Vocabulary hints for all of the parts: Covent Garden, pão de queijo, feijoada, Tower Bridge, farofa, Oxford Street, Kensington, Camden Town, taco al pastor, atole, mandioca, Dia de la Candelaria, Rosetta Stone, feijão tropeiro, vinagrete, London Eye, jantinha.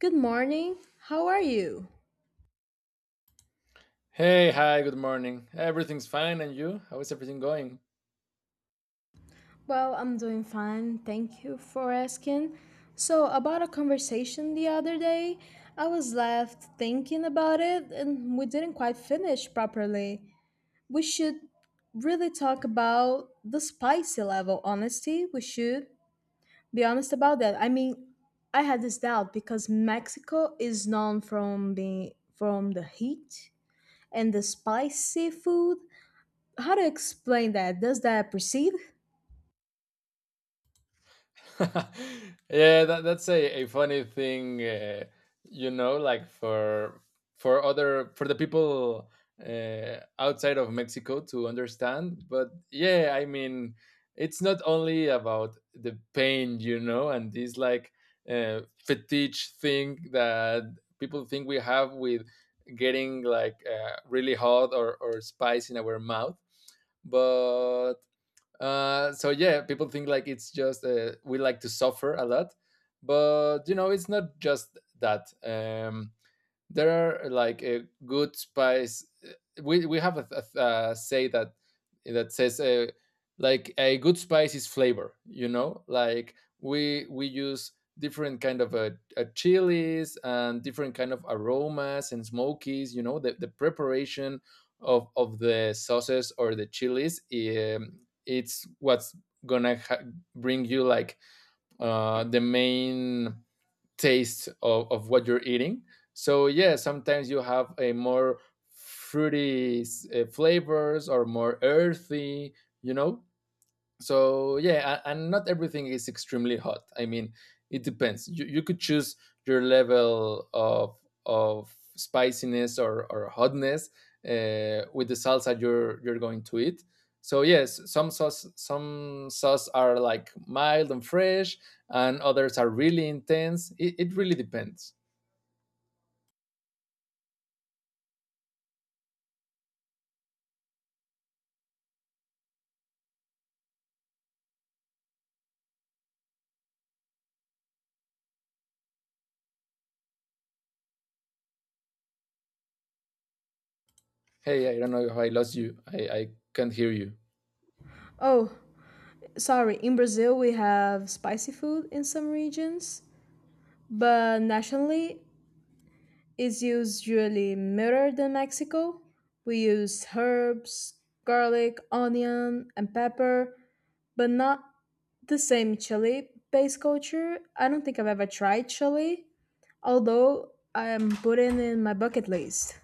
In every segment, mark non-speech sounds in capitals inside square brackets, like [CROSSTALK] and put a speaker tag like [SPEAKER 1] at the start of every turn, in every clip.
[SPEAKER 1] Good morning. How are you?
[SPEAKER 2] Hey, hi, good morning. Everything's fine, and you? How is everything going?
[SPEAKER 1] Well, I'm doing fine. Thank you for asking. So, about a conversation the other day, I was left thinking about it and we didn't quite finish properly. We should really talk about the spicy level, honesty. We should be honest about that. I mean, I had this doubt because Mexico is known from being from the heat and the spicy food. How to explain that? Does that proceed?
[SPEAKER 2] [LAUGHS] Yeah, that's a funny thing, like for the people outside of Mexico to understand. But yeah, I mean, it's not only about the pain, you know, and this like fetish thing that people think we have with getting like really hot or spice in our mouth but so yeah, people think like it's just we like to suffer a lot, but you know it's not just that. There are like a good spice. We have a say that says like a good spice is flavor. You know, like we use different kind of chilies and different kind of aromas and smokies. You know, the preparation of the sauces or the chilies. It's what's gonna ha- bring you like the main taste of what you're eating. So yeah, sometimes you have a more fruity flavors or more earthy, you know. So yeah, and not everything is extremely hot. I mean, it depends. You could choose your level of spiciness or hotness with the salsa you're going to eat. So yes, some sauce are like mild and fresh, and others are really intense. It really depends. Hey, I don't know if I lost you. I can't hear you.
[SPEAKER 1] Oh, sorry. In Brazil, we have spicy food in some regions, but nationally, it's usually milder than Mexico. We use herbs, garlic, onion, and pepper, but not the same chili based culture. I don't think I've ever tried chili, although I'm putting in my bucket list.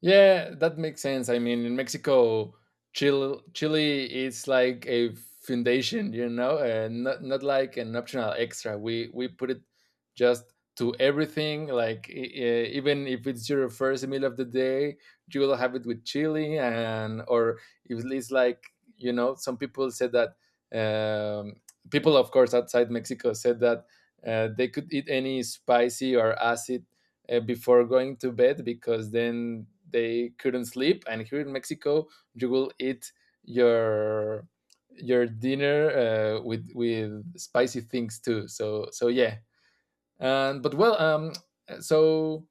[SPEAKER 2] Yeah, that makes sense. I mean, in Mexico, Chile is like a foundation, you know, and not like an optional extra. We put it just to everything. Like even if it's your first meal of the day, you will have it with chili, and or if it's like, you know, some people said that um, people, of course, outside Mexico, said that they could eat any spicy or acid before going to bed because then they couldn't sleep. And here in Mexico, you will eat your dinner with spicy things too. So so yeah. And but well, so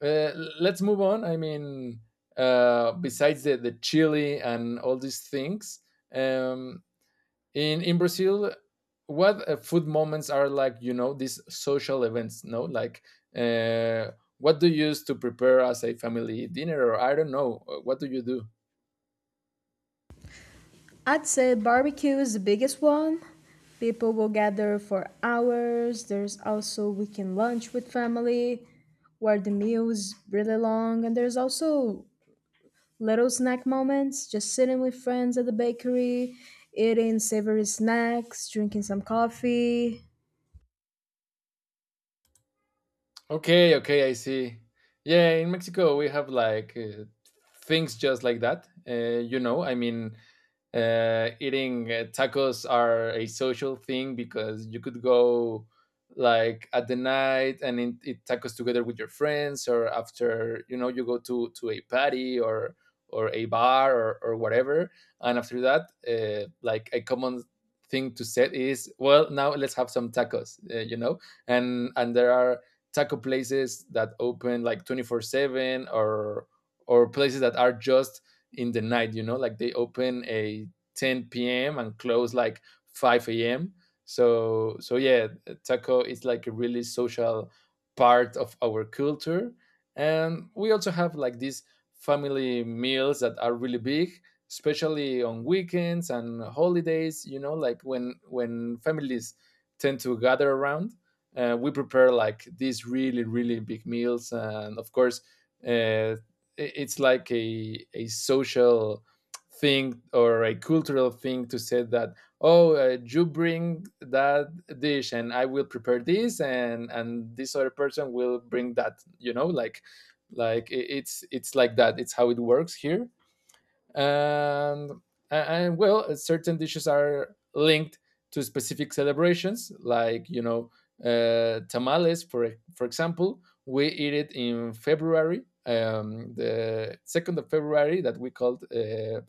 [SPEAKER 2] uh, let's move on. I mean, besides the chili and all these things, um, in brazil, what food moments are like, you know, these social events, no, like, uh, what do you use to prepare as a family dinner, or I don't know, what do you do?
[SPEAKER 1] I'd say barbecue is the biggest one. People will gather for hours. There's also weekend lunch with family where the meal is really long. And there's also little snack moments, just sitting with friends at the bakery, eating savory snacks, drinking some coffee.
[SPEAKER 2] Okay, okay, I see. Yeah, in Mexico we have like things just like that. You know, I mean, eating tacos are a social thing because you could go like at the night and eat tacos together with your friends, or after, you know, you go to a party or a bar or whatever, and after that, like a common thing to say is, well, now let's have some tacos. You know, and there are taco places that open like 24/7, or places that are just in the night, you know, like they open a 10 p.m and close like 5 a.m, so so yeah, taco is like a really social part of our culture, and we also have like these family meals that are really big, especially on weekends and holidays, you know, like when families tend to gather around. Uh, we prepare like these really really big meals, and of course, uh, it's like a social thing or a cultural thing to say that oh, you bring that dish and I will prepare this, and this other person will bring that. You know, like it's like that. It's how it works here. and and well, certain dishes are linked to specific celebrations, like, you know, tamales, for example. We eat it in February, the 2nd of February, that we called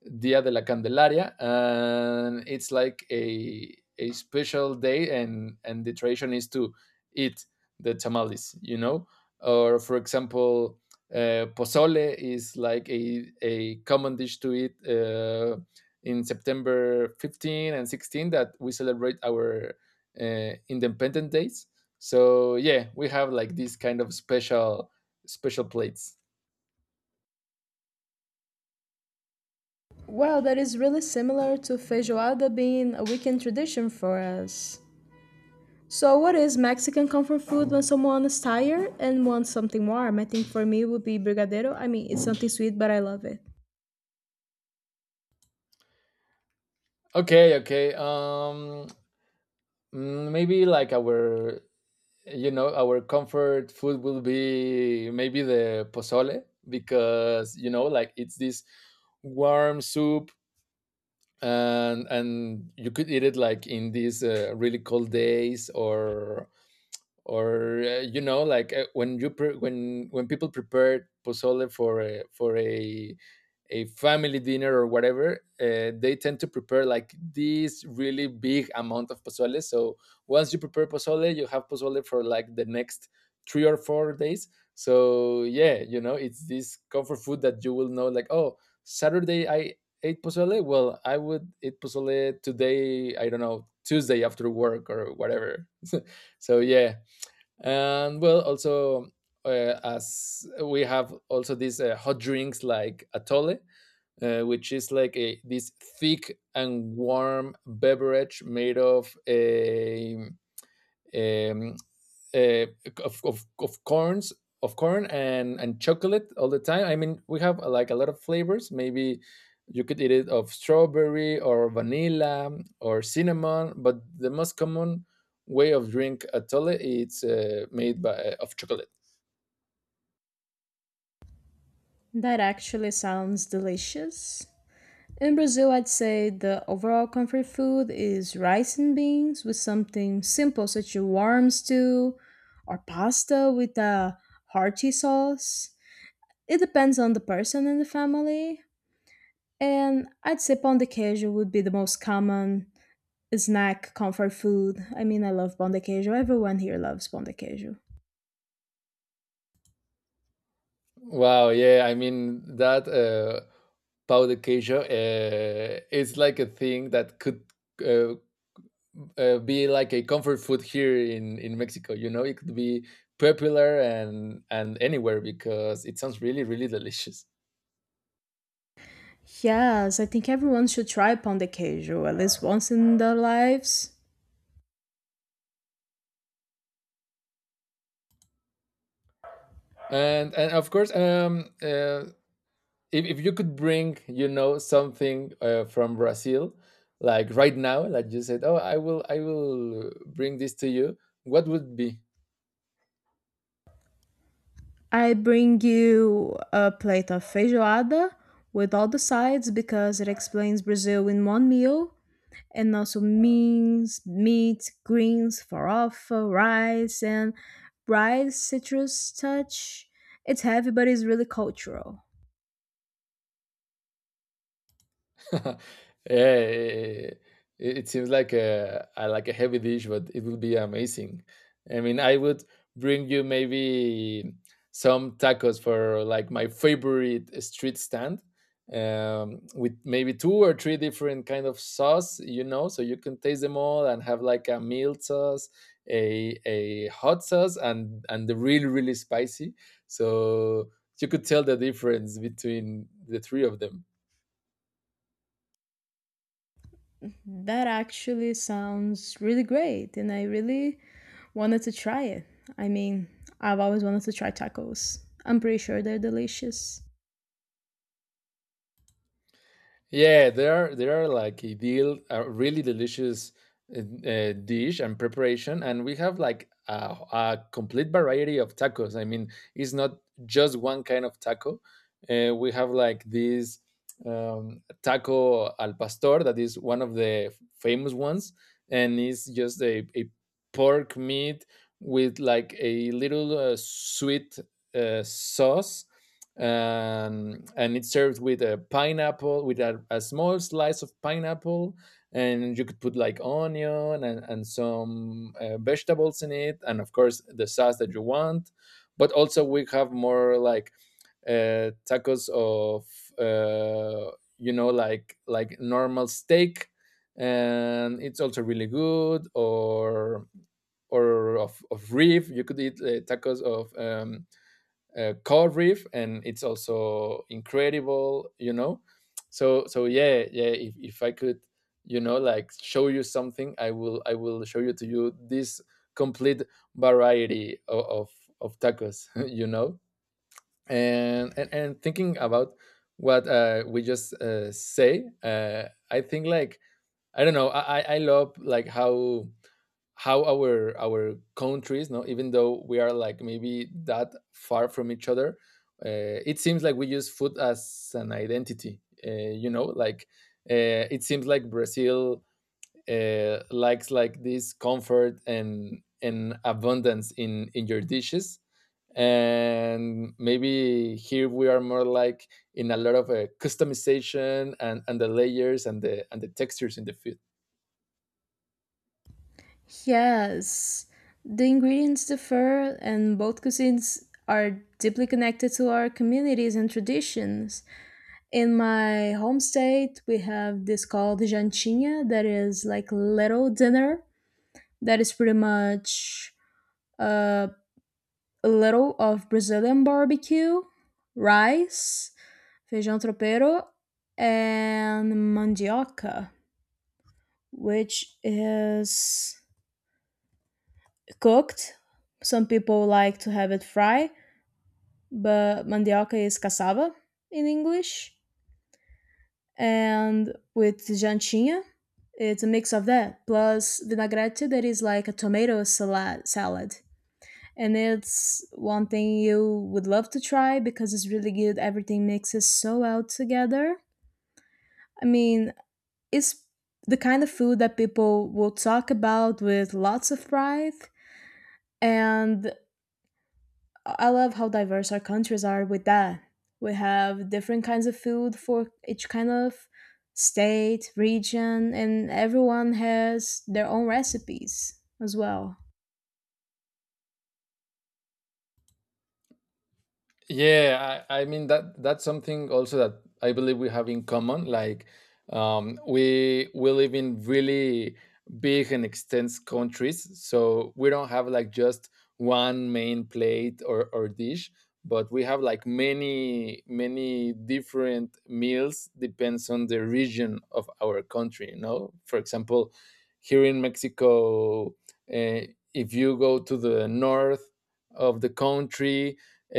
[SPEAKER 2] Dia de la Candelaria, and it's like a special day, and the tradition is to eat the tamales, you know. Or for example, pozole is like a common dish to eat in September 15 and 16th, that we celebrate our independent days. So yeah, we have like these kind of special plates.
[SPEAKER 1] Well, that is really similar to feijoada being a weekend tradition for us. So, what is Mexican comfort food when someone is tired and wants something warm? I think for me it would be brigadeiro. I mean, it's something sweet, but I love it.
[SPEAKER 2] Okay, okay. Maybe like our, you know, our comfort food will be maybe the pozole, because you know, like it's this warm soup, and you could eat it like in these really cold days, or you know, like, when when people prepare pozole for for a family dinner or whatever, they tend to prepare like this really big amount of pozole. So once you prepare pozole, you have pozole for like the next 3 or 4 days. So yeah, you know it's this comfort food that you will know, like, oh, Saturday I ate pozole, well, I would eat pozole today, I don't know, Tuesday after work or whatever. So yeah. And well, also, as we have also these hot drinks like atole, which is like a, this thick and warm beverage made of a, um, uh, of corns of corn, and chocolate all the time. I mean, we have like a lot of flavors. Maybe you could eat it of strawberry or vanilla or cinnamon, but the most common way of drink atole, it's made by of chocolate.
[SPEAKER 1] That actually sounds delicious. In Brazil, I'd say the overall comfort food is rice and beans with something simple, such a warm stew or pasta with a hearty sauce. It depends on the person and the family. And I'd say pão de queijo would be the most common snack comfort food. I mean, I love pão de queijo. Everyone here loves pão de queijo.
[SPEAKER 2] Wow, yeah, I mean, that pau de queijo is like a thing that could, uh, be like a comfort food here in Mexico. You know, it could be popular and anywhere, because it sounds really really delicious.
[SPEAKER 1] Yes, I think everyone should try pão de queijo at least once in their lives.
[SPEAKER 2] And of course, if you could bring, you know, something from Brazil, like right now, like you said, oh, I will bring this to you. What would be?
[SPEAKER 1] I bring you a plate of feijoada with all the sides because it explains Brazil in one meal and also beans, meat, greens, farofa, rice, and rice citrus touch. It's heavy, but it's really cultural.
[SPEAKER 2] [LAUGHS] Yeah, it seems like a heavy dish, but it would be amazing. I mean, I would bring you maybe some tacos for like my favorite street stand, with maybe two or three different kind of sauce, you know, so you can taste them all, and have like a mild sauce, a hot sauce, and the really really spicy. So you could tell the difference between the three of them.
[SPEAKER 1] That actually sounds really great, and I really wanted to try it. I mean, I've always wanted to try tacos. I'm pretty sure they're delicious.
[SPEAKER 2] Yeah, they are like ideal, a really delicious, uh, dish and preparation, and we have like a complete variety of tacos. I mean, it's not just one kind of taco. We have like this taco al pastor, that is one of the famous ones, and it's just a pork meat with like a little sweet sauce, and it's served with a pineapple, with a small slice of pineapple, and you could put like onion, and some vegetables in it, and of course the sauce that you want. But also we have more like tacos of uh, you know, like normal steak, and it's also really good, or of rib. You could eat tacos of cod reef, and it's also incredible, you know. So so yeah, yeah, if I could, you know, like show you something, I will, show you to you this complete variety of tacos. [LAUGHS] You know, and thinking about what, we just say, I think like, I don't know, I love like how our countries, no, even though we are like maybe that far from each other, it seems like we use food as an identity. Uh, you know, like, uh, it seems like Brazil, likes like this comfort and abundance in your dishes, and maybe here we are more like in a lot of customization, and the layers, and the textures in the food.
[SPEAKER 1] Yes, the ingredients differ, and both cuisines are deeply connected to our communities and traditions. In my home state, we have this called jantinha, that is like little dinner, that is pretty much uh, a little of Brazilian barbecue, rice, feijão tropeiro, and mandioca, which is cooked. Some people like to have it fried, but mandioca is cassava in English. And with jantinha, it's a mix of that plus vinagrete, that is like a tomato salad. And it's one thing you would love to try because it's really good. Everything mixes so well together. I mean, it's the kind of food that people will talk about with lots of pride. And I love how diverse our countries are with that. We have different kinds of food for each kind of state, region, and everyone has their own recipes as well.
[SPEAKER 2] Yeah, I mean, that that's something also that I believe we have in common. Like, we live in really big and extensive countries, so we don't have like just one main plate, or dish, but we have like many many different meals, depends on the region of our country. You know, for example, here in Mexico, uh, if you go to the north of the country,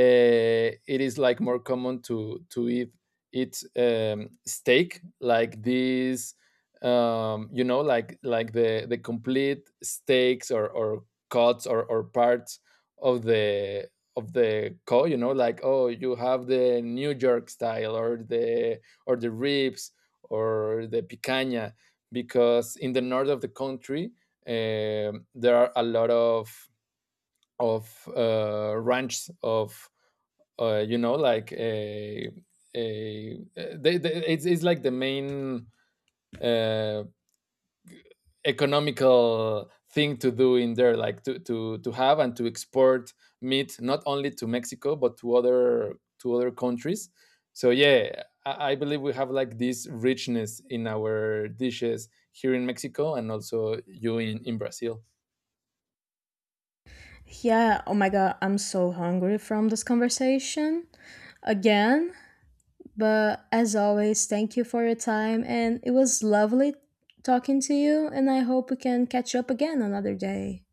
[SPEAKER 2] it is like more common to eat steak like these, you know, like the complete steaks or cuts, or parts of the cow, you know, like oh, you have the New York style, or the ribs, or the picanha, because in the north of the country, there are a lot of ranches of, you know, like a, it's like the main uh, economical thing to do in there, like to have and to export meat, not only to Mexico, but to other countries. So yeah, I believe we have like this richness in our dishes here in Mexico, and also you in, Brazil.
[SPEAKER 1] Yeah, oh my god, I'm so hungry from this conversation again. But as always, thank you for your time. And it was lovely talking to you. And I hope we can catch up again another day.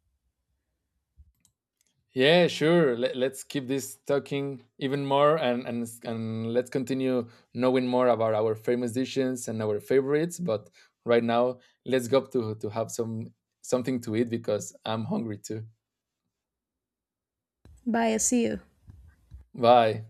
[SPEAKER 2] Yeah, sure. Let's keep this talking even more, and let's continue knowing more about our famous dishes and our favorites. But right now, let's go to have some something to eat, because I'm hungry too.
[SPEAKER 1] Bye. I see you.
[SPEAKER 2] Bye.